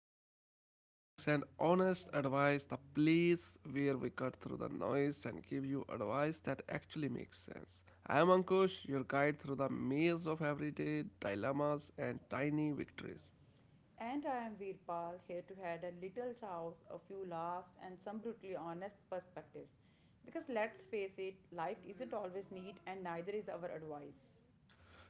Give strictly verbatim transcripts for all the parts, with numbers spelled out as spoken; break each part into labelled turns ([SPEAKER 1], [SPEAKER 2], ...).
[SPEAKER 1] Welcome to the Life Hacks and Honest Advice, the place where we cut through the noise and give you advice that actually makes sense. I'm Ankush, your guide through the maze of everyday dilemmas and tiny victories.
[SPEAKER 2] And I am Veerpal, here to add a little chaos, a few laughs, and some brutally honest perspectives. Because let's face it, life isn't always neat, and neither is our advice.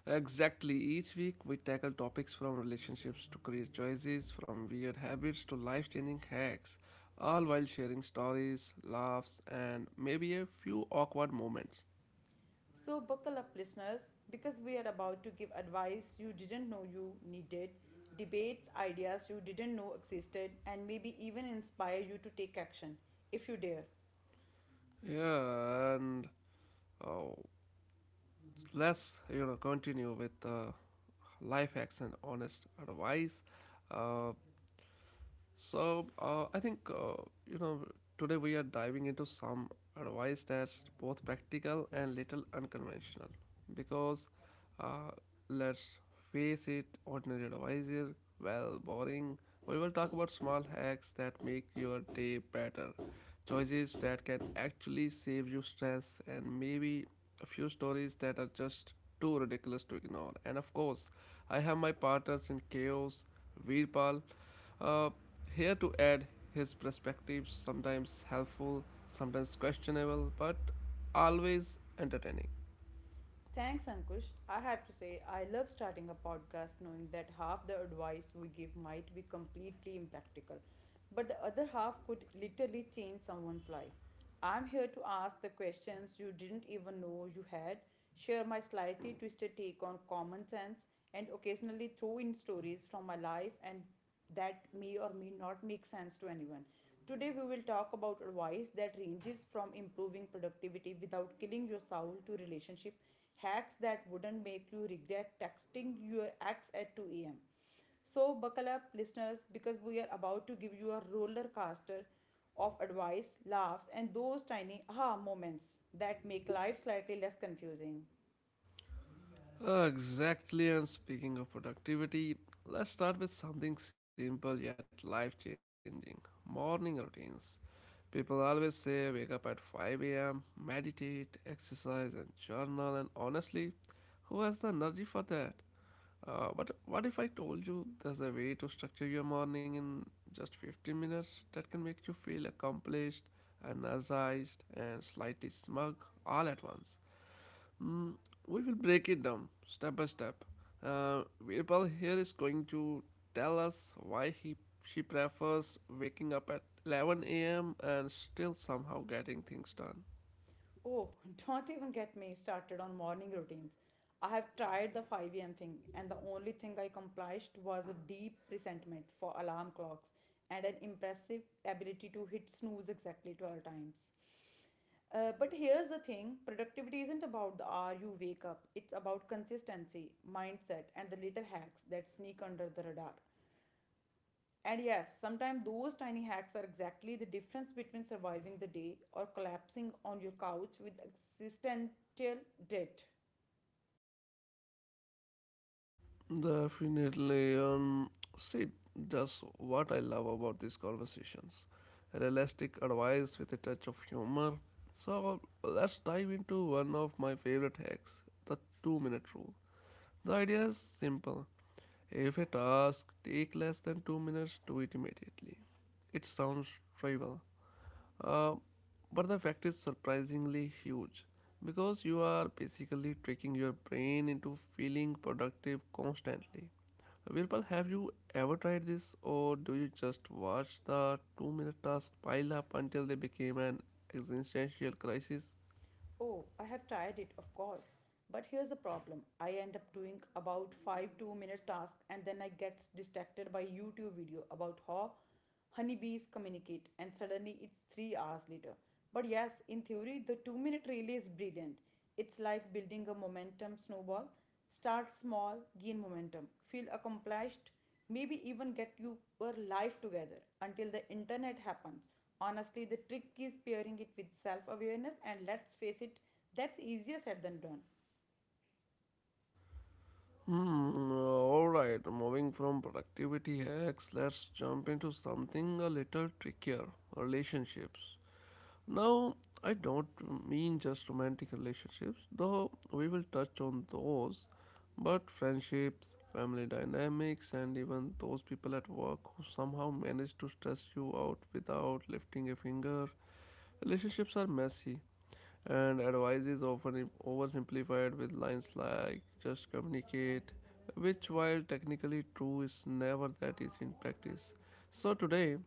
[SPEAKER 1] Exactly, each week we tackle topics from relationships to career choices, from weird habits to life changing hacks, all while sharing stories, laughs, and maybe a few awkward moments.
[SPEAKER 2] So, buckle up, listeners, because we are about to give advice you didn't know you needed, debates, ideas you didn't know existed, and maybe even inspire you to take action, if you dare.
[SPEAKER 1] Yeah, and oh, let's you know continue with uh, life hacks and honest advice. Uh, so uh, I think uh, you know today we are diving into some advice that's both practical and little unconventional because uh, let's face it, ordinary advice is well boring. We will talk about small hacks that make your day better, choices that can actually save you stress, and maybe a few stories that are just too ridiculous to ignore. And of course, I have my partners in chaos, Veerpal. Uh, Here to add his perspectives, sometimes helpful, sometimes questionable, but always entertaining.
[SPEAKER 2] Thanks, Ankush. I have to say, I love starting a podcast knowing that half the advice we give might be completely impractical, but the other half could literally change someone's life. I'm here to ask the questions you didn't even know you had, share my slightly twisted take on common sense, and occasionally throw in stories from my life and that may or may not make sense to anyone. Today, we will talk about advice that ranges from improving productivity without killing your soul to relationship hacks that wouldn't make you regret texting your ex at two a m. So, buckle up, listeners, because we are about to give you a roller coaster of advice, laughs, and those tiny aha moments that make life slightly less confusing.
[SPEAKER 1] Uh, exactly, and speaking of productivity, let's start with something simple yet life changing morning routines. People always say wake up at five a m, meditate, exercise, and journal, and honestly, who has the energy for that? Uh, but what if I told you there's a way to structure your morning in just fifteen minutes that can make you feel accomplished, energized, and slightly smug all at once? Mm, we will break it down step by step. Uh, Virpal here is going to tell us why he she prefers waking up at eleven a m and still somehow getting things done.
[SPEAKER 2] Oh, don't even get me started on morning routines. I have tried the five a m thing, and the only thing I accomplished was a deep resentment for alarm clocks and an impressive ability to hit snooze exactly twelve times. Uh, but here's the thing: productivity isn't about the hour you wake up, it's about consistency, mindset, and the little hacks that sneak under the radar. And yes, sometimes those tiny hacks are exactly the difference between surviving the day or collapsing on your couch with existential dread.
[SPEAKER 1] Definitely. Um, see, that's what I love about these conversations. Realistic advice with a touch of humor. So let's dive into one of my favorite hacks, the two minute rule. The idea is simple. If a task takes less than two minutes, do it immediately. It sounds trivial, uh, but the effect is surprisingly huge because you are basically tricking your brain into feeling productive constantly. Virpal, have you ever tried this, or do you just watch the two minute tasks pile up until they became an existential crisis?
[SPEAKER 2] Oh, I have tried it, of course. But here's the problem: I end up doing about 5 2 minute tasks and then I get distracted by YouTube video about how honeybees communicate and suddenly it's three hours later. But yes, in theory, the two minute relay is brilliant. It's like building a momentum snowball. Start small, gain momentum, feel accomplished, maybe even get you- your life together until the internet happens. Honestly, the trick is pairing it with self awareness, and let's face it, that's easier said than done.
[SPEAKER 1] Hmm, alright, moving from productivity hacks, let's jump into something a little trickier relationships. Now, I don't mean just romantic relationships, though we will touch on those, but friendships, family dynamics, and even those people at work who somehow manage to stress you out without lifting a finger. Relationships are messy, and advice is often im- oversimplified with lines like just communicate, which, while technically true, is never that easy in practice. So, today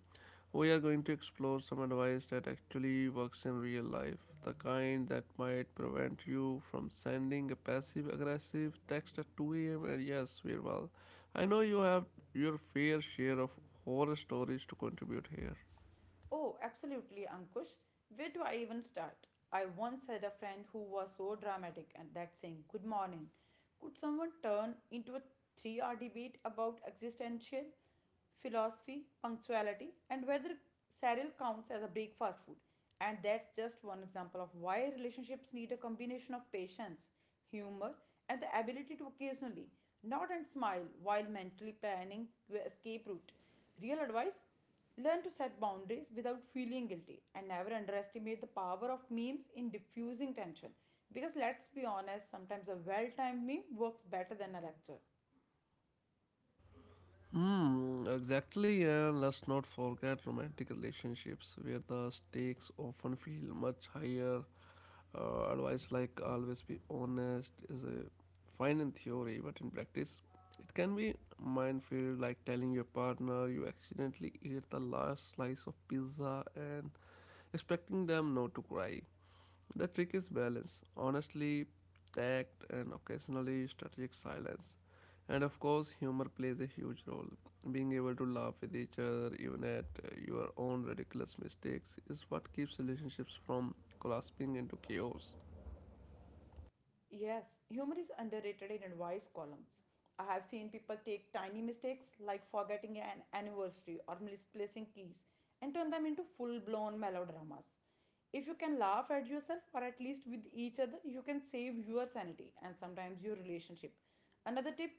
[SPEAKER 1] we are going to explore some advice that actually works in real life, the kind that might prevent you from sending a passive aggressive text at two a m. And yes, Virval, I know you have your fair share of horror stories to contribute here.
[SPEAKER 2] Oh, absolutely, Ankush. Where do I even start? I once had a friend who was so dramatic and that saying, "Good morning," could someone turn into a three hour debate about existential philosophy, punctuality, and whether cereal counts as a breakfast food. And that's just one example of why relationships need a combination of patience, humor, and the ability to occasionally nod and smile while mentally planning your escape route. Real advice: learn to set boundaries without feeling guilty and never underestimate the power of memes in diffusing tension. Because let's be honest, sometimes a well timed meme works better than a lecture.
[SPEAKER 1] Hmm, exactly, and let's not forget romantic relationships where the stakes often feel much higher. Uh, advice like always be honest is a fine in theory, but in practice, it can be minefield. Like telling your partner you accidentally ate the last slice of pizza and expecting them not to cry. The trick is balance, honestly, tact, and occasionally strategic silence. And of course, humor plays a huge role. Being able to laugh with each other, even at uh, your own ridiculous mistakes, is what keeps relationships from collapsing into chaos.
[SPEAKER 2] Yes, humor is underrated in advice columns. I have seen people take tiny mistakes like forgetting an anniversary or misplacing keys and turn them into full blown melodramas. If you can laugh at yourself or at least with each other, you can save your sanity and sometimes your relationship. Another tip: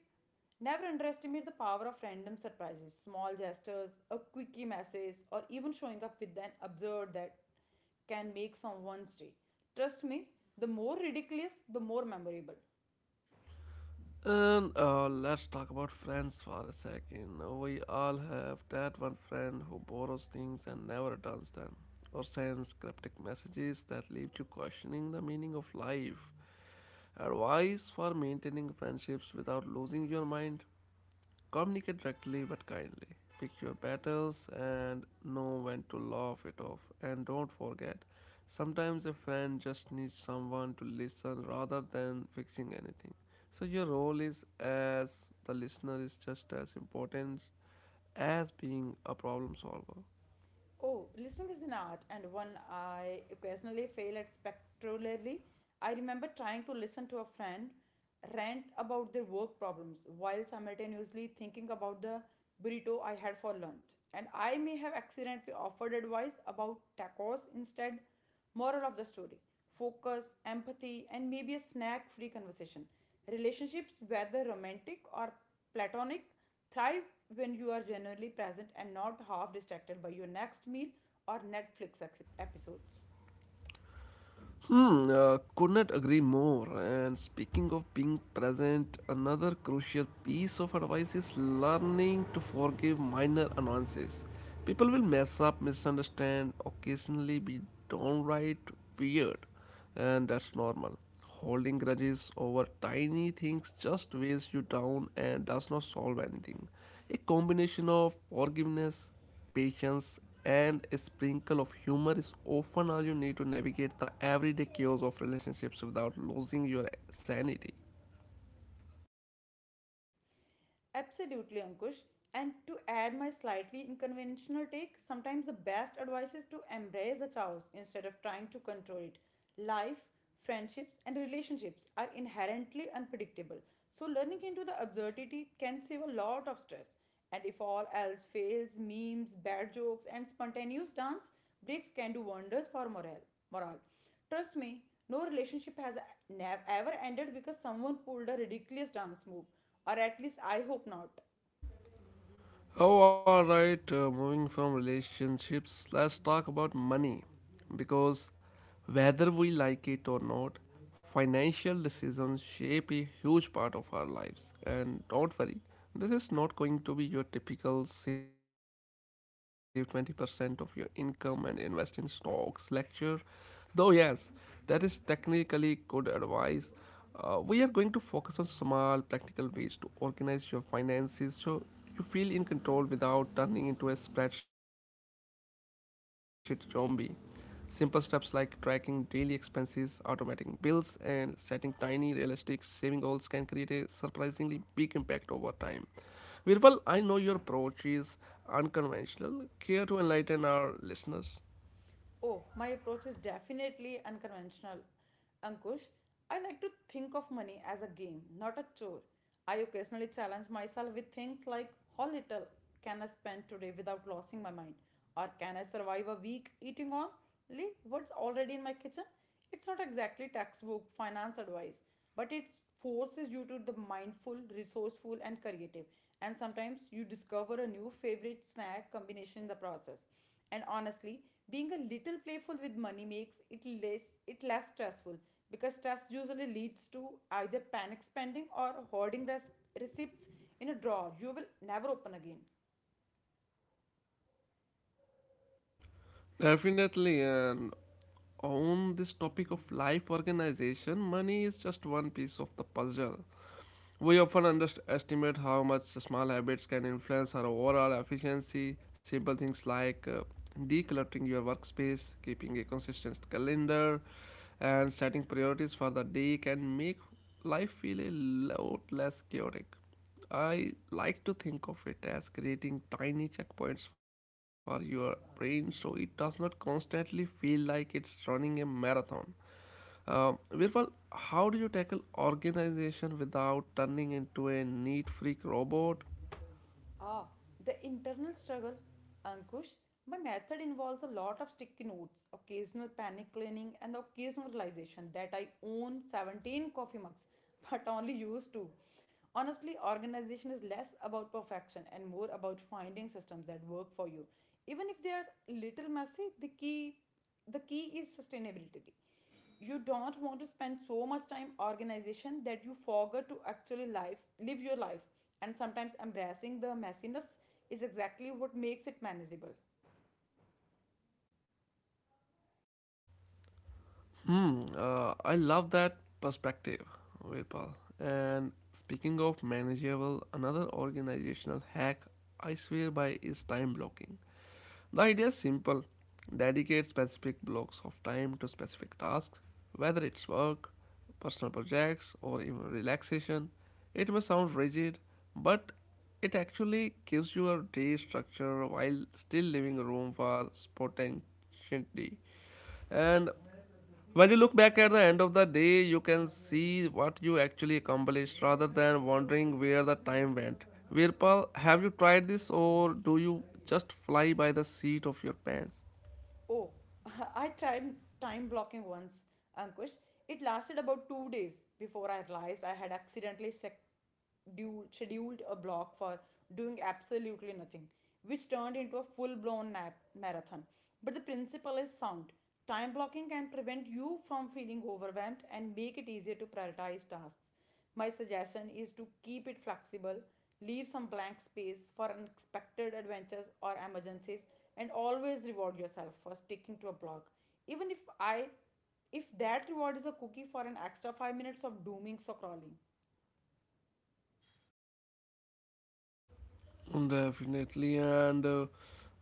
[SPEAKER 2] never underestimate the power of random surprises, small gestures, a quickie message, or even showing up with an absurd that can make someone's day. Trust me, the more ridiculous, the more memorable.
[SPEAKER 1] And uh, let's talk about friends for a second. We all have that one friend who borrows things and never returns them, or sends cryptic messages that leave you questioning the meaning of life. Advice for maintaining friendships without losing your mind: communicate directly but kindly. Pick your battles and know when to laugh it off. And don't forget, sometimes a friend just needs someone to listen rather than fixing anything. So your role is as the listener is just as important as being a problem solver.
[SPEAKER 2] Oh, listening is an art, and one I occasionally fail at spectacularly. I remember trying to listen to a friend rant about their work problems while simultaneously thinking about the burrito I had for lunch. And I may have accidentally offered advice about tacos instead. Moral of the story: focus, empathy, and maybe a snack free conversation. Relationships, whether romantic or platonic, thrive when you are genuinely present and not half distracted by your next meal or Netflix episodes.
[SPEAKER 1] Hmm, uh, could not agree more. And speaking of being present, another crucial piece of advice is learning to forgive minor annoyances. People will mess up, misunderstand, occasionally be downright weird, and that's normal. Holding grudges over tiny things just weighs you down and does not solve anything. A combination of forgiveness, patience, and a sprinkle of humor is often all you need to navigate the everyday chaos of relationships without losing your sanity.
[SPEAKER 2] Absolutely, Ankush. And to add my slightly unconventional take, sometimes the best advice is to embrace the chaos instead of trying to control it. Life, friendships, and relationships are inherently unpredictable, so learning into the absurdity can save a lot of stress. And if all else fails, memes, bad jokes, and spontaneous dance breaks can do wonders for morale. morale. Trust me, no relationship has nev- ever ended because someone pulled a ridiculous dance move. Or at least I hope not.
[SPEAKER 1] Oh, all right. Uh, moving from relationships, let's talk about money. Because whether we like it or not, financial decisions shape a huge part of our lives. And don't worry, this is not going to be your typical save twenty percent of your income and invest in stocks lecture. Though, yes, that is technically good advice. Uh, we are going to focus on small, practical ways to organize your finances so you feel in control without turning into a spreadsheet zombie. Simple steps like tracking daily expenses, automating bills, and setting tiny, realistic saving goals can create a surprisingly big impact over time. Virpal, I know your approach is unconventional. Care to enlighten our listeners?
[SPEAKER 2] Oh, my approach is definitely unconventional. Ankush, I like to think of money as a game, not a chore. I occasionally challenge myself with things like, how little can I spend today without losing my mind? Or can I survive a week eating only what's already in my kitchen? It's not exactly textbook finance advice, but it forces you to be mindful, resourceful, and creative. And sometimes you discover a new favorite snack combination in the process. And honestly, being a little playful with money makes it less it less stressful because stress usually leads to either panic spending or hoarding res- receipts in a drawer you will never open again.
[SPEAKER 1] Definitely, and on this topic of life organization, money is just one piece of the puzzle. We often underestimate how much small habits can influence our overall efficiency. Simple things like uh, decluttering your workspace, keeping a consistent calendar, and setting priorities for the day can make life feel a lot less chaotic. I like to think of it as creating tiny checkpoints for your brain so it does not constantly feel like it's running a marathon. Um, Virpal, how do you tackle organization without turning into a neat freak robot?
[SPEAKER 2] Ah, the internal struggle, Ankush. My method involves a lot of sticky notes, occasional panic cleaning, and the occasional realization that I own seventeen coffee mugs, but only use two. Honestly, organization is less about perfection and more about finding systems that work for you. Even if they are little messy, the key the key is sustainability. You don't want to spend so much time organization that you forget to actually life live your life, and sometimes embracing the messiness is exactly what makes it manageable.
[SPEAKER 1] Hmm, uh, I love that perspective, Virpal. And speaking of manageable, another organizational hack I swear by is time blocking. The idea is simple: dedicate specific blocks of time to specific tasks, whether it's work, personal projects, or even relaxation. It may sound rigid, but it actually gives you a day structure while still leaving room for spontaneity. And when you look back at the end of the day, you can see what you actually accomplished rather than wondering where the time went. Virpal, have you tried this or do you just fly by the seat of your pants?
[SPEAKER 2] Oh, I tried time blocking once, Ankush. It lasted about two days before I realized I had accidentally sec- du- scheduled a block for doing absolutely nothing, which turned into a full blown nap- marathon. But the principle is sound. Time blocking can prevent you from feeling overwhelmed and make it easier to prioritize tasks. My suggestion is to keep it flexible, leave some blank space for unexpected adventures or emergencies, and always reward yourself for sticking to a block, even if I if that reward is a cookie for an extra five minutes of dooming or crawling.
[SPEAKER 1] Definitely, and uh,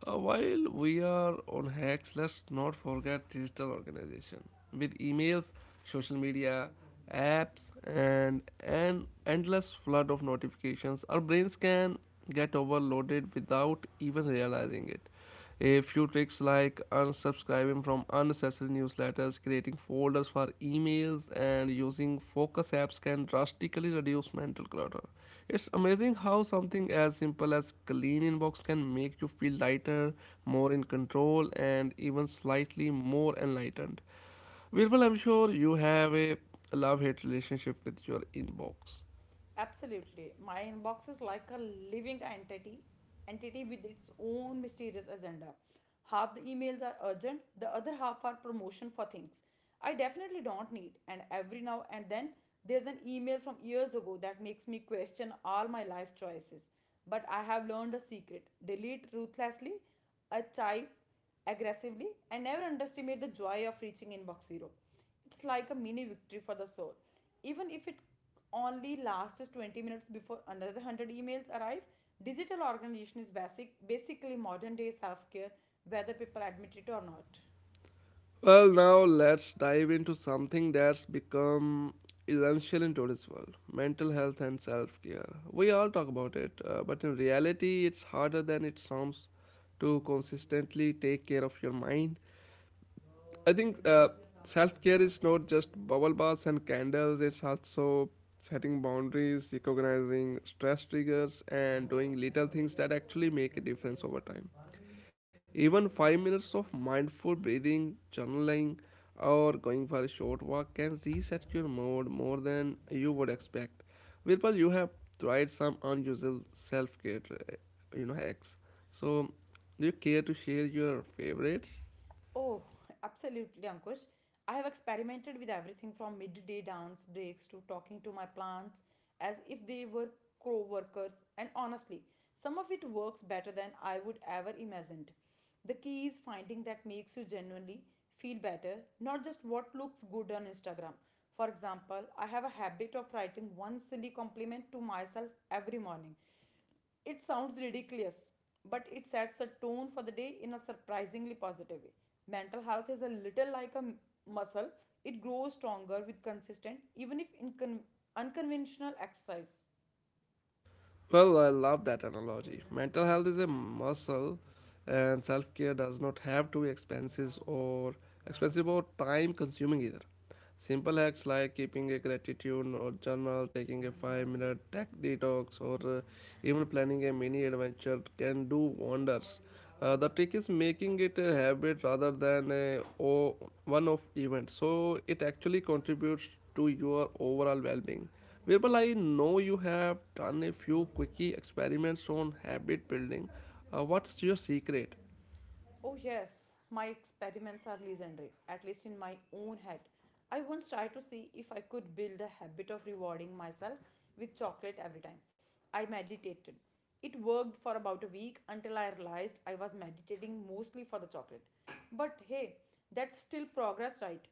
[SPEAKER 1] uh, while we are on hacks, let's not forget digital organization with emails, social media, apps, and an endless flood of notifications. Our brains can get overloaded without even realizing it. A few tricks like unsubscribing from unnecessary newsletters, creating folders for emails, and using focus apps can drastically reduce mental clutter. It's amazing how something as simple as clean inbox can make you feel lighter, more in control, and even slightly more enlightened. Virpal, I'm sure you have a love hate relationship with your inbox.
[SPEAKER 2] Absolutely. My inbox is like a living entity, entity with its own mysterious agenda. Half the emails are urgent, the other half are promotion for things I definitely don't need. And every now and then, there's an email from years ago that makes me question all my life choices. But I have learned a secret: delete ruthlessly, archive aggressively, and never underestimate the joy of reaching inbox zero. It's like a mini victory for the soul. Even if it only lasts twenty minutes before another one hundred emails arrive, digital organization is basic, basically modern day self care, whether people admit it or not.
[SPEAKER 1] Well, now let's dive into something that's become essential in today's world mental health and self care. We all talk about it, uh, but in reality, it's harder than it sounds to consistently take care of your mind. I think uh, self care is not just bubble baths and candles, it's also setting boundaries, recognizing stress triggers, and doing little things that actually make a difference over time. Even five minutes of mindful breathing, journaling, or going for a short walk can reset your mood more than you would expect. Virpal, you have tried some unusual self-care, uh, you know, hacks. So, do you care to share your favorites?
[SPEAKER 2] Oh, absolutely, Ankush. I have experimented with everything from midday dance breaks to talking to my plants as if they were co workers, and honestly, some of it works better than I would ever imagined. The key is finding that makes you genuinely feel better, not just what looks good on Instagram. For example, I have a habit of writing one silly compliment to myself every morning. It sounds ridiculous, but it sets a tone for the day in a surprisingly positive way. Mental health is a little like a muscle, it grows stronger with consistent, even if incon- unconventional exercise.
[SPEAKER 1] Well, I love that analogy. Mental health is a muscle, and self-care does not have to be expensive or expensive or time-consuming either. Simple hacks like keeping a gratitude or journal, taking a five minute tech detox, or uh, even planning a mini adventure can do wonders. Uh, the trick is making it a habit rather than a o- one off event, so it actually contributes to your overall well being. Virpal, I know you have done a few quickie experiments on habit building. Uh, what's your secret?
[SPEAKER 2] Oh, yes, my experiments are legendary, at least in my own head. I once tried to see if I could build a habit of rewarding myself with chocolate every time I meditated. It worked for about a week until I realized I was meditating mostly for the chocolate. But hey, that's still progress, right?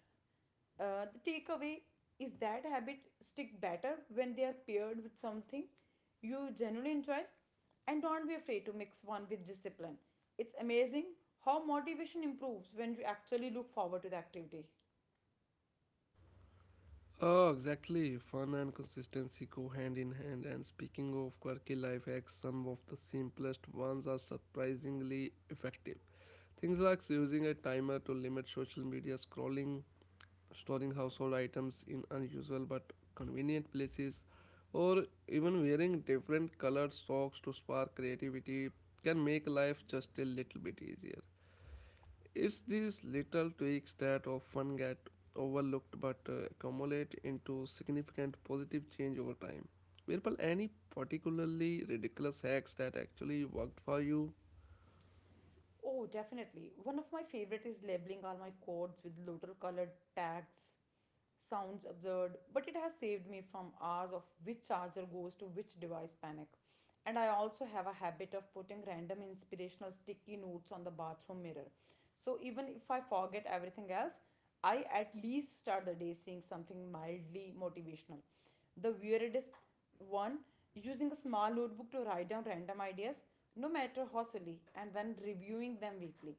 [SPEAKER 2] Uh, the takeaway is that habit stick better when they are paired with something you genuinely enjoy, and don't be afraid to mix one with discipline. It's amazing how motivation improves when you actually look forward to the activity.
[SPEAKER 1] Oh, exactly. Fun and consistency go hand in hand. And speaking of quirky life hacks, some of the simplest ones are surprisingly effective. Things like using a timer to limit social media scrolling, storing household items in unusual but convenient places, or even wearing different colored socks to spark creativity can make life just a little bit easier. It's these little tweaks that often get overlooked but uh, accumulate into significant positive change over time. Virpal, any particularly ridiculous hacks that actually worked for you?
[SPEAKER 2] Oh, definitely. One of my favorite is labeling all my codes with little colored tags. Sounds absurd, but it has saved me from hours of which charger goes to which device panic. And I also have a habit of putting random inspirational sticky notes on the bathroom mirror. So even if I forget everything else, I at least start the day saying something mildly motivational. The weirdest one, using a small notebook to write down random ideas, no matter how silly, and then reviewing them weekly.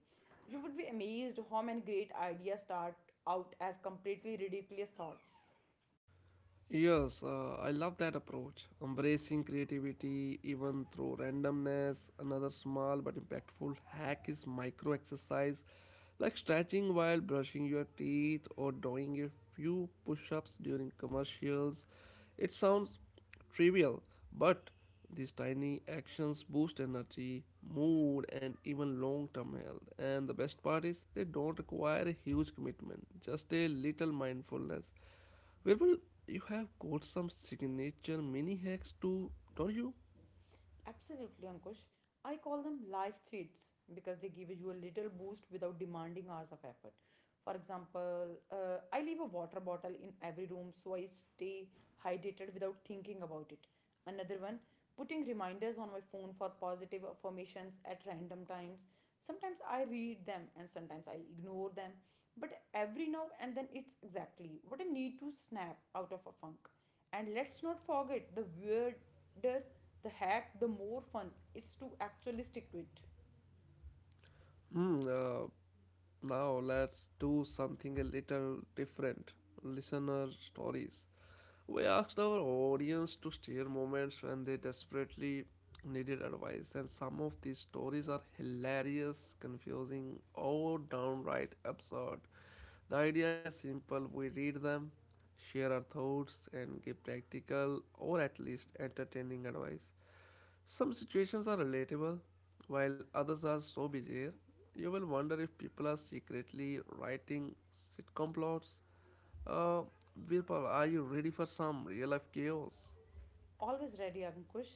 [SPEAKER 2] You would be amazed how many great ideas start out as completely ridiculous thoughts.
[SPEAKER 1] Yes, uh, I love that approach. Embracing creativity even through randomness. Another small but impactful hack is micro exercise like stretching while brushing your teeth or doing a few push ups during commercials. It sounds trivial, but these tiny actions boost energy, mood, and even long term health. And the best part is, they don't require a huge commitment, just a little mindfulness. Well, you have got some signature mini hacks too, don't you?
[SPEAKER 2] Absolutely, Ankush. I call them life cheats because they give you a little boost without demanding hours of effort. For example, uh, I leave a water bottle in every room so I stay hydrated without thinking about it. Another one, putting reminders on my phone for positive affirmations at random times. Sometimes I read them and sometimes I ignore them, but every now and then it's exactly what I need to snap out of a funk. And let's not forget, the weirder the hack, the more fun it's to actually stick to it.
[SPEAKER 1] Hmm. Uh, now let's do something a little different. Listener stories. We asked our audience to share moments when they desperately needed advice, and some of these stories are hilarious, confusing, or downright absurd. The idea is simple we read them, share our thoughts, and give practical or at least entertaining advice. Some situations are relatable, while others are so bizarre, you will wonder if people are secretly writing sitcom plots. Uh, Virpal, are you ready for some real life chaos?
[SPEAKER 2] Always ready, Ankush.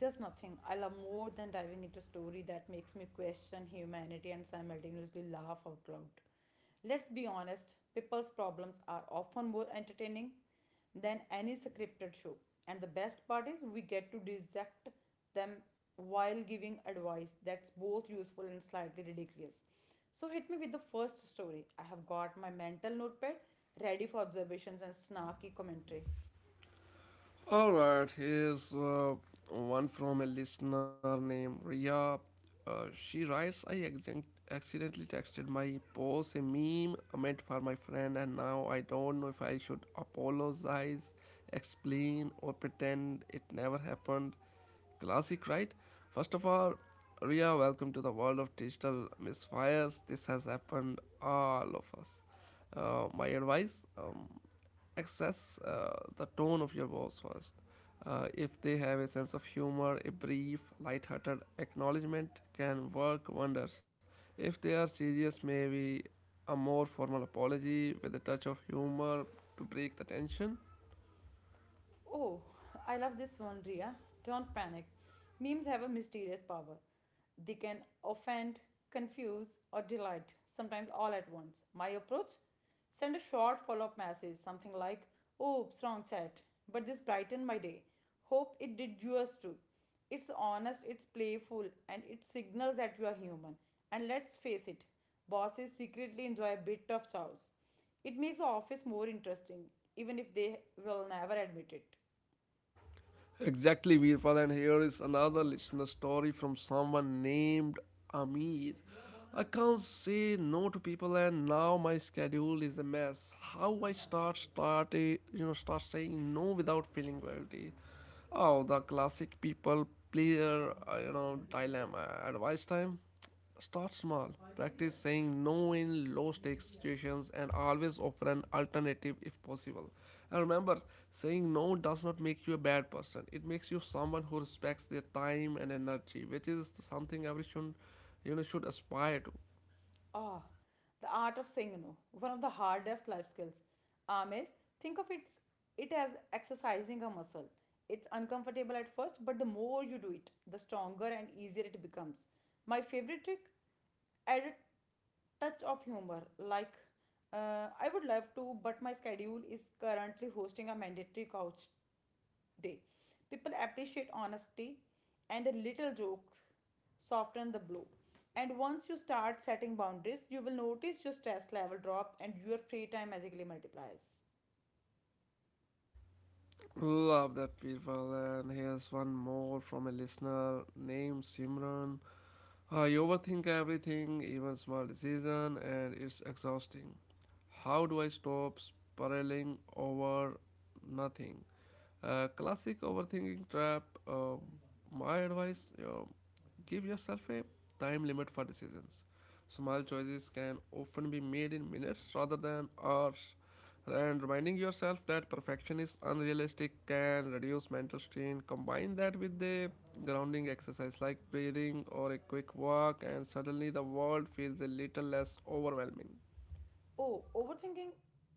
[SPEAKER 2] There's nothing I love more than diving into a story that makes me question humanity and simultaneously laugh out loud. Let's be honest, people's problems are often more entertaining than any scripted show. And the best part is we get to dissect them while giving advice that's both useful and slightly ridiculous. So hit me with the first story. I have got my mental notepad ready for observations and snarky commentary.
[SPEAKER 1] Alright, here's uh, one from a listener named Ria. Uh, she writes, I accident- accidentally texted my boss a meme meant for my friend, and now I don't know if I should apologize, explain, or pretend it never happened. Classic, right? First of all, Ria, welcome to the world of digital misfires. This has happened all of us. Uh, my advice, um, access uh, the tone of your boss first. Uh, if they have a sense of humor, a brief, light-hearted acknowledgement can work wonders. If they are serious, maybe a more formal apology with a touch of humor to break the tension.
[SPEAKER 2] Oh, I love this one, Ria. Don't panic. Memes have a mysterious power. They can offend, confuse, or delight, sometimes all at once. My approach? Send a short follow up message, something like, "Oops, wrong chat. But this brightened my day. Hope it did yours too." It's honest, it's playful, and it signals that you are human. And let's face it, bosses secretly enjoy a bit of chaos. It makes the office more interesting, even if they will never admit it.
[SPEAKER 1] Exactly, Veerpal. And here is another listener story from someone named Amir. I can't say no to people, and now my schedule is a mess. How I start start a, you know start saying no without feeling guilty? Oh, the classic people player uh, you know dilemma. Advice time. Start small. Practice saying no in low stakes situations and always offer an alternative if possible. And remember, saying no does not make you a bad person. It makes you someone who respects their time and energy, which is something everyone you know should aspire to.
[SPEAKER 2] Ah, the art of saying no, one of the hardest life skills. Amir, think of it, it as exercising a muscle. It's uncomfortable at first, but the more you do it, the stronger and easier it becomes. My favorite trick? Add a touch of humor. Like, uh, I would love to, but my schedule is currently hosting a mandatory couch day. People appreciate honesty and a little jokes soften the blow. And once you start setting boundaries, you will notice your stress level drop and your free time magically multiplies.
[SPEAKER 1] Love that people. And here's one more from a listener named Simran. Uh, you overthink everything, even small decision, and it's exhausting. How do I stop spiraling over nothing? Uh, classic overthinking trap. Um, my advice: uh, give yourself a time limit for decisions. Small choices can often be made in minutes rather than hours, and reminding yourself that perfection is unrealistic can reduce mental strain. Combine that with a grounding exercise like breathing or a quick walk, and suddenly the world feels a little less overwhelming.
[SPEAKER 2] oh, overthinking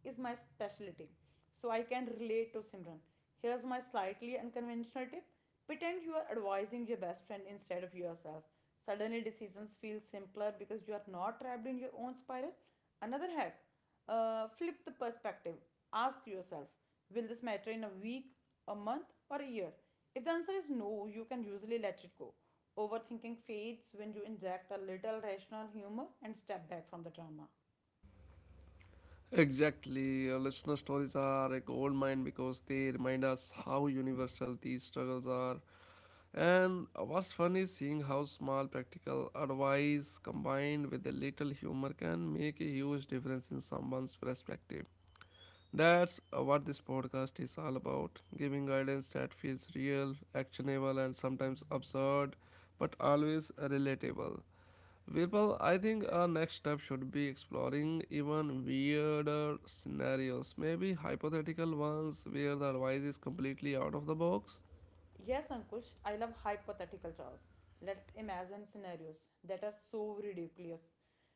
[SPEAKER 2] is my specialty. So I can relate to Simran. Here's my slightly unconventional tip: pretend you are advising your best friend instead of yourself. Suddenly, decisions feel simpler because you are not trapped in your own spiral. Another hack: uh, flip the perspective. Ask yourself, will this matter in a week, a month, or a year? If the answer is no, you can usually let it go. Overthinking fades when you inject a little rational humor and step back from the drama.
[SPEAKER 1] Exactly. Your listener stories are a gold mine because they remind us how universal these struggles are. And what's fun is seeing how small practical advice combined with a little humor can make a huge difference in someone's perspective. That's uh, what this podcast is all about giving guidance that feels real, actionable, and sometimes absurd, but always relatable. Virpal, I think our next step should be exploring even weirder scenarios, maybe hypothetical ones where the advice is completely out of the box.
[SPEAKER 2] Yes, Ankush, I love hypothetical chores. Let's imagine scenarios that are so ridiculous.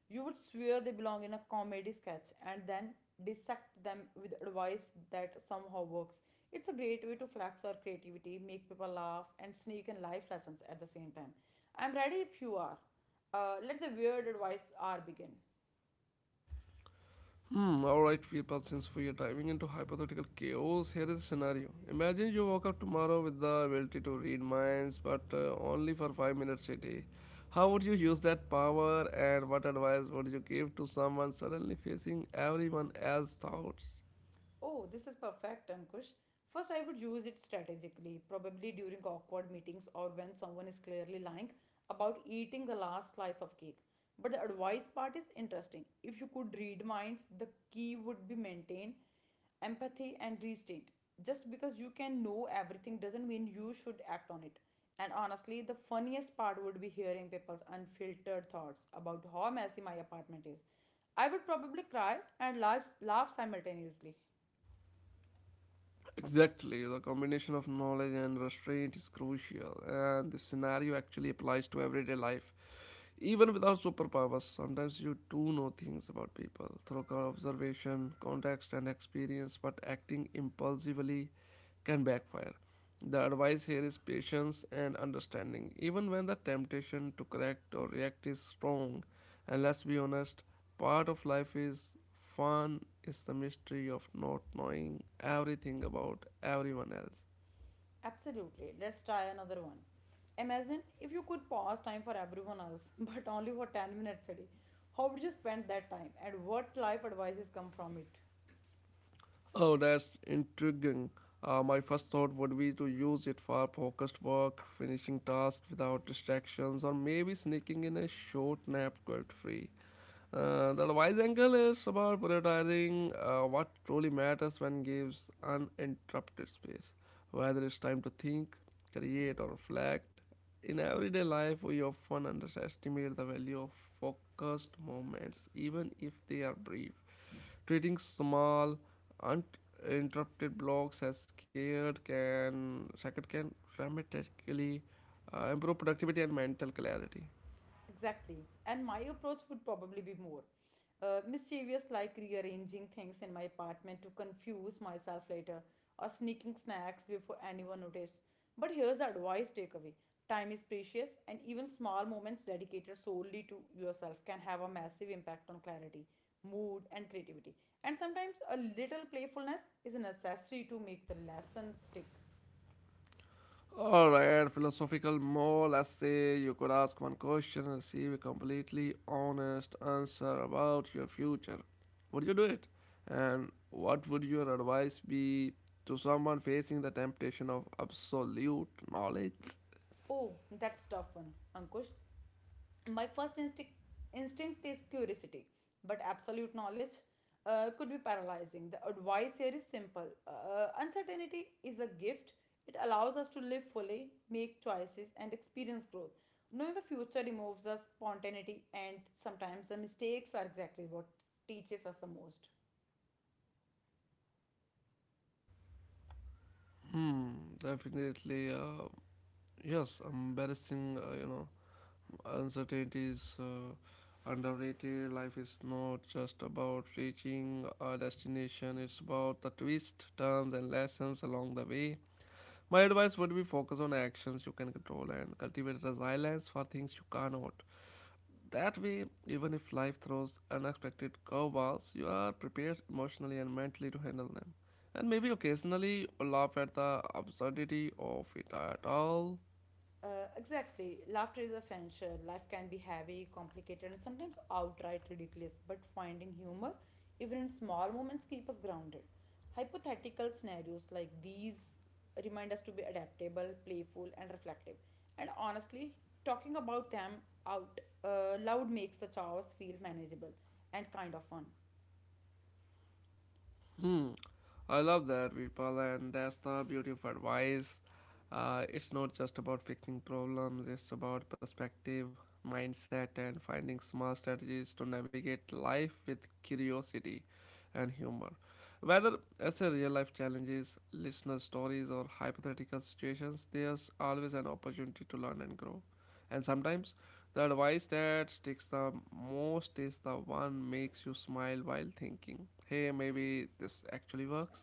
[SPEAKER 2] You would swear they belong in a comedy sketch and then dissect them with advice that somehow works. It's a great way to flex our creativity, make people laugh, and sneak in life lessons at the same time. I'm ready if you are. Uh, let the weird advice hour begin.
[SPEAKER 1] Hmm, alright, Virpal, since we are diving into hypothetical chaos, here is a scenario. Imagine you woke up tomorrow with the ability to read minds, but uh, only for five minutes a day. How would you use that power, and what advice would you give to someone suddenly facing everyone else's thoughts?
[SPEAKER 2] Oh, this is perfect, Ankush. First, I would use it strategically, probably during awkward meetings or when someone is clearly lying about eating the last slice of cake. But the advice part is interesting. If you could read minds, the key would be maintain empathy and restraint. Just because you can know everything doesn't mean you should act on it. And honestly, the funniest part would be hearing people's unfiltered thoughts about how messy my apartment is. I would probably cry and laugh, laugh simultaneously.
[SPEAKER 1] Exactly, the combination of knowledge and restraint is crucial, and this scenario actually applies to everyday life. Even without superpowers, sometimes you do know things about people through co- observation, context, and experience, but acting impulsively can backfire. The advice here is patience and understanding, even when the temptation to correct or react is strong. And let's be honest, part of life is fun is the mystery of not knowing everything about everyone else.
[SPEAKER 2] Absolutely. Let's try another one. Imagine if you could pause time for everyone else, but only for ten minutes a day. How would you spend that time and what life advices come from it?
[SPEAKER 1] Oh, that's intriguing. Uh, my first thought would be to use it for focused work, finishing tasks without distractions, or maybe sneaking in a short nap guilt free. Uh, the wise angle is about prioritizing uh, what truly matters when gives uninterrupted space, whether it's time to think, create, or reflect. In everyday life, we often underestimate the value of focused moments, even if they are brief. Treating small, uninterrupted blocks as scared can, sacred can dramatically uh, improve productivity and mental clarity.
[SPEAKER 2] Exactly. And my approach would probably be more uh, mischievous, like rearranging things in my apartment to confuse myself later or sneaking snacks before anyone notices. But here's the advice takeaway: time is precious, and even small moments dedicated solely to yourself can have a massive impact on clarity, mood, and creativity. And sometimes a little playfulness is necessary to make the lesson stick.
[SPEAKER 1] All right, philosophical more. Let's say you could ask one question and receive a completely honest answer about your future. Would you do it? And what would your advice be to someone facing the temptation of absolute knowledge?
[SPEAKER 2] Oh, that's tough one, Ankush. My first instinct instinct is curiosity, but absolute knowledge uh, could be paralyzing. The advice here is simple: uh, uncertainty is a gift. It allows us to live fully, make choices, and experience growth. Knowing the future removes us spontaneity, and sometimes the mistakes are exactly what teaches us the most.
[SPEAKER 1] Hmm, definitely. Uh, yes, embarrassing. Uh, you know, uncertainty is uh, underrated. Life is not just about reaching a destination, it's about the twists, turns, and lessons along the way. My advice would be focus on actions you can control and cultivate resilience for things you cannot. That way, even if life throws unexpected curveballs, you are prepared emotionally and mentally to handle them. And maybe occasionally laugh at the absurdity of it at all.
[SPEAKER 2] Uh, exactly. Laughter is essential. Life can be heavy, complicated, and sometimes outright ridiculous, but finding humor, even in small moments, keep us grounded. Hypothetical scenarios like these remind us to be adaptable, playful, and reflective. And honestly, talking about them out uh, loud makes the chaos feel manageable and kind of fun.
[SPEAKER 1] Hmm. I love that, Virpal, and that's the beauty of advice. Uh, it's not just about fixing problems, it's about perspective, mindset, and finding small strategies to navigate life with curiosity and humor. Whether it's a real life challenges, listener stories, or hypothetical situations, there's always an opportunity to learn and grow. And sometimes the advice that sticks the most is the one makes you smile while thinking, hey, maybe this actually works.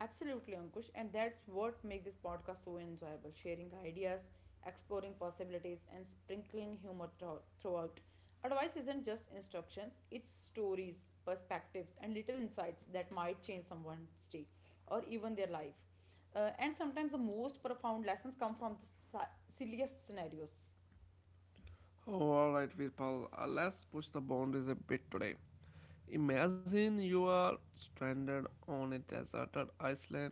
[SPEAKER 2] Absolutely, Ankush. And that's what makes this podcast so enjoyable: sharing ideas, exploring possibilities, and sprinkling humor thro- throughout. Advice isn't just instructions, it's stories, perspectives, and little insights that might change someone's day or even their life. Uh, and sometimes the most profound lessons come from the si- silliest scenarios.
[SPEAKER 1] Oh, all right, Virpal, uh, let's push the boundaries a bit today. Imagine you are stranded on a deserted island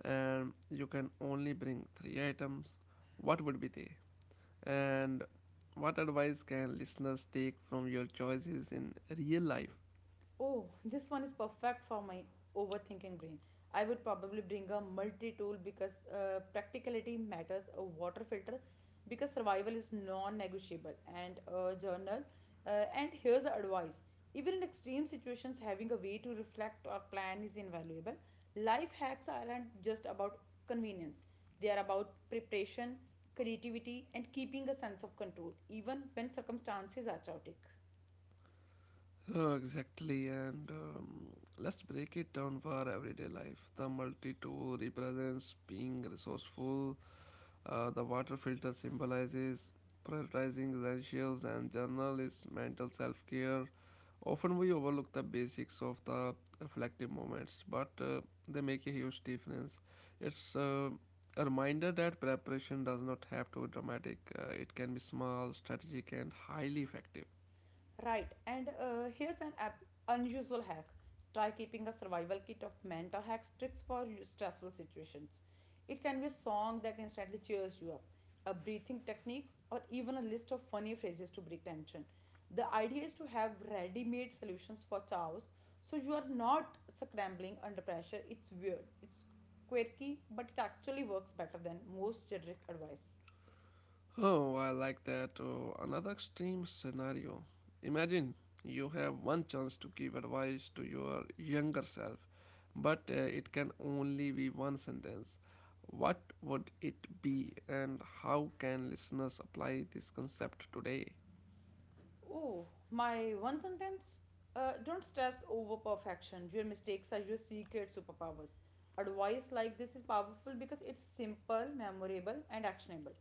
[SPEAKER 1] and you can only bring three items. What would be they? And what advice can listeners take from your choices in real life?
[SPEAKER 2] Oh, this one is perfect for my overthinking brain. I would probably bring a multi tool because uh, practicality matters, a water filter because survival is non negotiable, and a journal. Uh, and here's the advice: even in extreme situations, having a way to reflect or plan is invaluable. Life hacks aren't just about convenience, they are about preparation, creativity, and keeping a sense of control, even when circumstances are chaotic.
[SPEAKER 1] Oh, exactly, and um, let's break it down for everyday life. The multi tool represents being resourceful. Uh, the water filter symbolizes prioritizing essentials and journal is mental self care. Often we overlook the basics of the reflective moments, but uh, they make a huge difference. It's uh, a reminder that preparation does not have to be dramatic, uh, it can be small, strategic, and highly effective.
[SPEAKER 2] Right, and uh, here's an ap- unusual hack. Try keeping a survival kit of mental hacks tricks for stressful situations. It can be a song that instantly cheers you up, a breathing technique, or even a list of funny phrases to break tension. The idea is to have ready made solutions for chaos so you are not scrambling under pressure. It's weird, it's quirky, but it actually works better than most generic advice.
[SPEAKER 1] Oh, I like that. Oh, another extreme scenario. Imagine you have one chance to give advice to your younger self, but uh, it can only be one sentence. What would it be, and how can listeners apply this concept today?
[SPEAKER 2] Oh, my one sentence? Uh, don't stress over perfection. Your mistakes are your secret superpowers. Advice like this is powerful because it's simple, memorable, and actionable.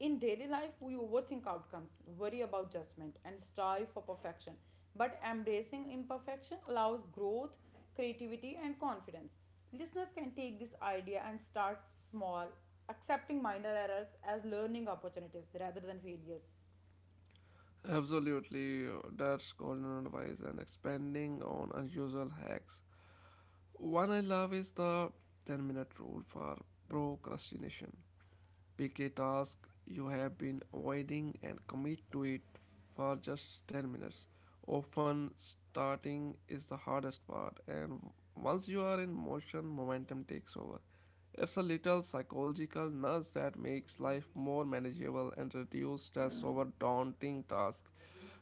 [SPEAKER 2] In daily life, we overthink outcomes, worry about judgment, and strive for perfection. But embracing imperfection allows growth, creativity, and confidence. Listeners can take this idea and start small, accepting minor errors as learning opportunities rather than failures.
[SPEAKER 1] Absolutely, that's golden advice and expanding on unusual hacks. One I love is the ten minute rule for procrastination. Pick a task you have been avoiding and commit to it for just ten minutes. Often, starting is the hardest part, and once you are in motion, momentum takes over. It's a little psychological nudge that makes life more manageable and reduces stress over daunting tasks.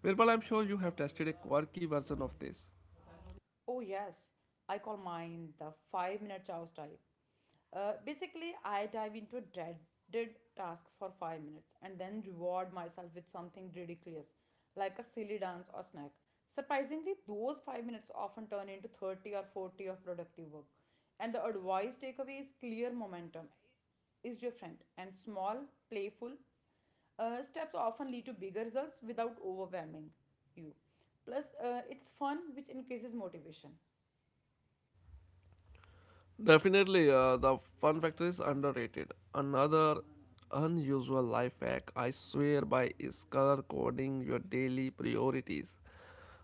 [SPEAKER 1] Virpal, I'm sure you have tested a quirky version of this.
[SPEAKER 2] Oh, yes. I call mine the five minute chows dive. Uh, basically, I dive into a dreaded task for five minutes and then reward myself with something ridiculous, like a silly dance or snack. Surprisingly, those five minutes often turn into thirty or forty of productive work. And the advice takeaway is clear: momentum is your friend, and small, playful uh, steps often lead to bigger results without overwhelming you. Plus, uh, it's fun, which increases motivation.
[SPEAKER 1] Definitely, uh, the fun factor is underrated. Another unusual life hack I swear by is color coding your daily priorities.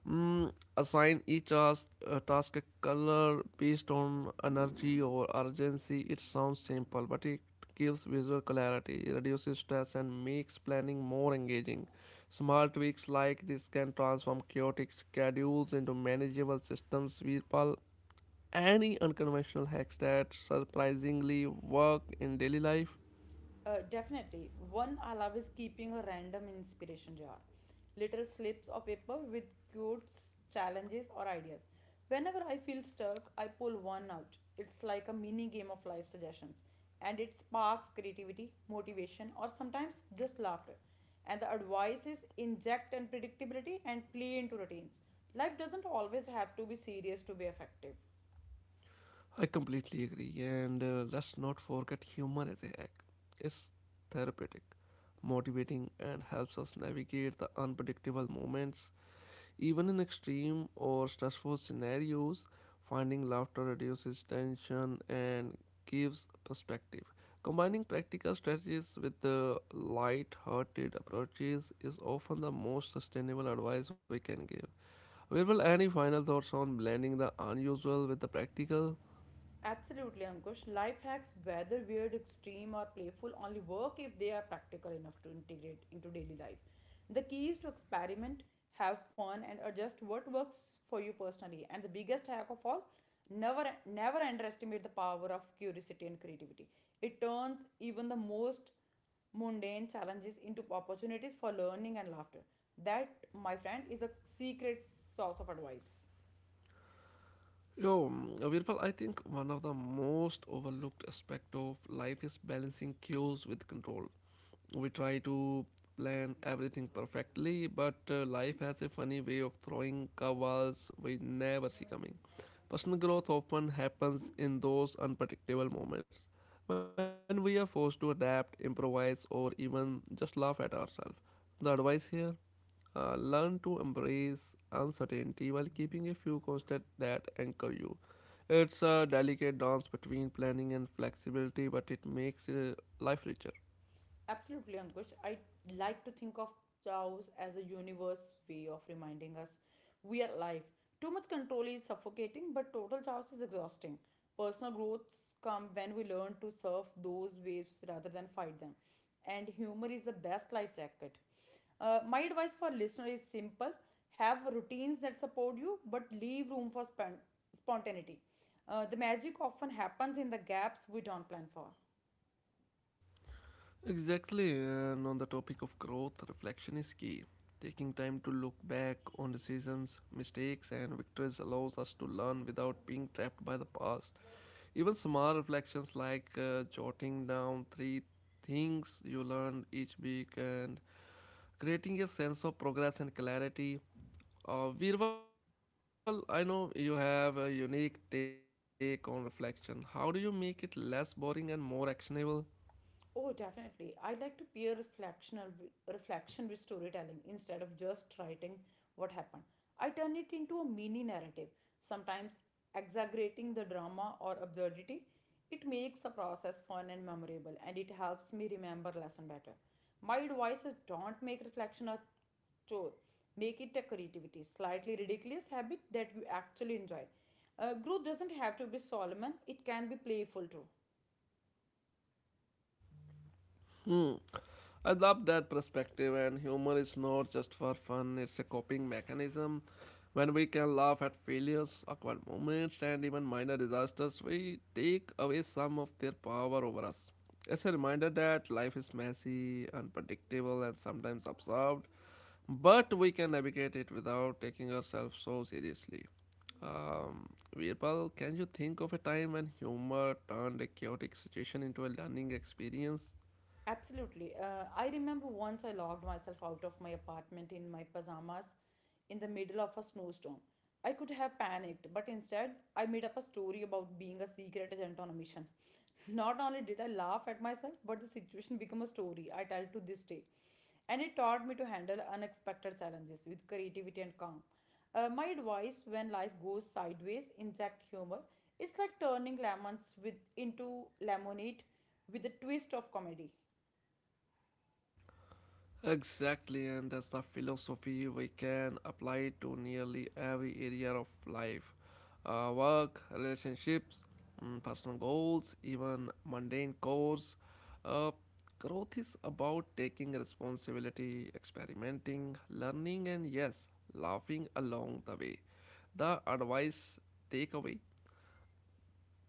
[SPEAKER 1] Mm, assign each task, uh, task a color based on energy or urgency. It sounds simple, but it gives visual clarity, reduces stress, and makes planning more engaging. Small tweaks like this can transform chaotic schedules into manageable systems. People any unconventional hacks that surprisingly work in daily life.
[SPEAKER 2] Uh, definitely. One I love is keeping a random inspiration jar. Little slips of paper with quotes, challenges, or ideas. Whenever I feel stuck, I pull one out. It's like a mini game of life suggestions, and it sparks creativity, motivation, or sometimes just laughter. And the advice is: inject unpredictability and play into routines. Life doesn't always have to be serious to be effective.
[SPEAKER 1] I completely agree, and uh, let's not forget humor as a hack. It's therapeutic, motivating, and helps us navigate the unpredictable moments. Even in extreme or stressful scenarios, finding laughter reduces tension and gives perspective. Combining practical strategies with the light-hearted approaches is often the most sustainable advice we can give. Virpal, any final thoughts on blending the unusual with the practical?
[SPEAKER 2] Absolutely, Ankush. Life hacks, whether weird, extreme, or playful, only work if they are practical enough to integrate into daily life. The key is to experiment, have fun, and adjust what works for you personally. And the biggest hack of all, never never underestimate the power of curiosity and creativity. It turns even the most mundane challenges into opportunities for learning and laughter. That, my friend, is a secret source of advice.
[SPEAKER 1] Yo, mm, Virpal, I think one of the most overlooked aspect of life is balancing cues with control. We try to plan everything perfectly, but uh, life has a funny way of throwing curveballs we never see coming. Personal growth often happens in those unpredictable moments when we are forced to adapt, improvise, or even just laugh at ourselves. The advice here? Uh, learn to embrace uncertainty while keeping a few constants that anchor you. It's a delicate dance between planning and flexibility, but it makes uh, life richer.
[SPEAKER 2] Absolutely, Ankush. I like to think of chaos as a universe way of reminding us we are alive. Too much control is suffocating, but total chaos is exhausting. Personal growths come when we learn to surf those waves rather than fight them. And humor is the best life jacket. Uh, my advice for listener is simple: have routines that support you, but leave room for spon- spontaneity. Uh, the magic often happens in the gaps we don't plan for.
[SPEAKER 1] Exactly, and on the topic of growth, reflection is key. Taking time to look back on decisions, mistakes, and victories allows us to learn without being trapped by the past. Even small reflections like uh, jotting down three things you learned each week and creating a sense of progress and clarity. Uh, Virval, I know you have a unique take on reflection. How do you make it less boring and more actionable?
[SPEAKER 2] Oh, definitely. I like to peer reflectional reflection with storytelling instead of just writing what happened. I turn it into a mini narrative, sometimes exaggerating the drama or absurdity. It makes the process fun and memorable, and it helps me remember lesson better. My advice is: don't make reflection a chore. Make it a creativity, slightly ridiculous habit that you actually enjoy. Uh, growth doesn't have to be solemn; it can be playful too.
[SPEAKER 1] Hmm, I love that perspective, and humor is not just for fun, it's a coping mechanism. When we can laugh at failures, awkward moments, and even minor disasters, we take away some of their power over us. It's a reminder that life is messy, unpredictable, and sometimes absurd, but we can navigate it without taking ourselves so seriously. Um, Veerpal, can you think of a time when humor turned a chaotic situation into a learning experience?
[SPEAKER 2] Absolutely. Uh, I remember once I locked myself out of my apartment in my pajamas in the middle of a snowstorm. I could have panicked, but instead, I made up a story about being a secret agent on a mission. Not only did I laugh at myself, but the situation became a story I tell to this day. And it taught me to handle unexpected challenges with creativity and calm. Uh, my advice: when life goes sideways, inject humor. It's like turning lemons with, into lemonade with a twist of comedy.
[SPEAKER 1] Exactly, and that's the philosophy we can apply to nearly every area of life uh, work, relationships, mm, personal goals, even mundane chores. Uh, Growth is about taking responsibility, experimenting, learning, and yes, laughing along the way. The advice takeaway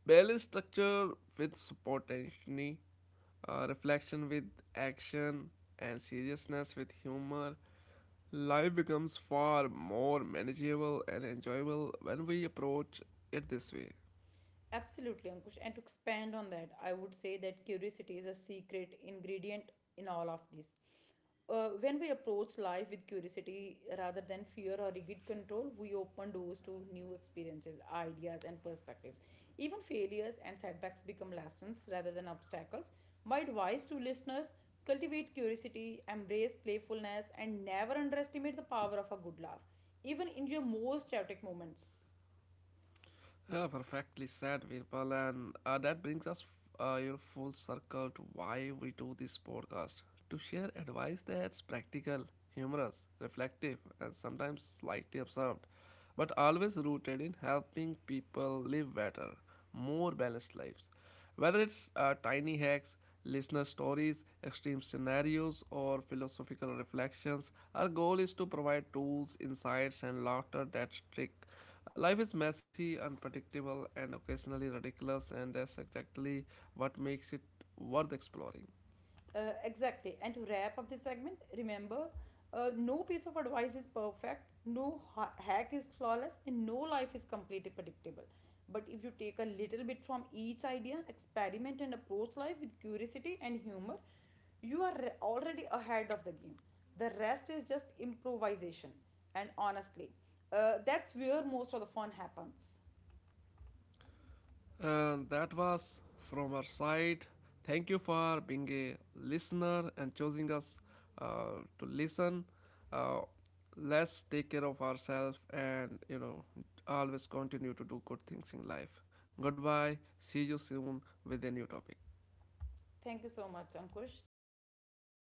[SPEAKER 1] balance structure with spontaneity, uh, reflection with action, and seriousness with humor. Life becomes far more manageable and enjoyable when we approach it this way.
[SPEAKER 2] Absolutely, Ankush. And to expand on that, I would say that curiosity is a secret ingredient in all of this. Uh, when we approach life with curiosity rather than fear or rigid control, we open doors to new experiences, ideas, and perspectives. Even failures and setbacks become lessons rather than obstacles. My advice to listeners: cultivate curiosity, embrace playfulness, and never underestimate the power of a good laugh, even in your most chaotic moments.
[SPEAKER 1] Yeah, perfectly said, Virpal, and uh, that brings us, uh, you know, full circle to why we do this podcast to share advice that's practical, humorous, reflective, and sometimes slightly absurd, but always rooted in helping people live better, more balanced lives. Whether it's uh, tiny hacks, listener stories, extreme scenarios, or philosophical reflections, our goal is to provide tools, insights, and laughter that stick. Life is messy, unpredictable, and occasionally ridiculous, and that's exactly what makes it worth exploring.
[SPEAKER 2] Uh, exactly. And to wrap up this segment, remember, uh, no piece of advice is perfect, no ha- hack is flawless, and no life is completely predictable. But if you take a little bit from each idea, experiment, and approach life with curiosity and humor, you are re- already ahead of the game. The rest is just improvisation. And honestly, uh, that's where most of the fun happens.
[SPEAKER 1] And that was from our side. Thank you for being a listener and choosing us uh, to listen. Uh, let's take care of ourselves and, you know, always continue to do good things in life. Goodbye. See you soon with a new topic.
[SPEAKER 2] Thank you so much, Ankush. Thank you so much.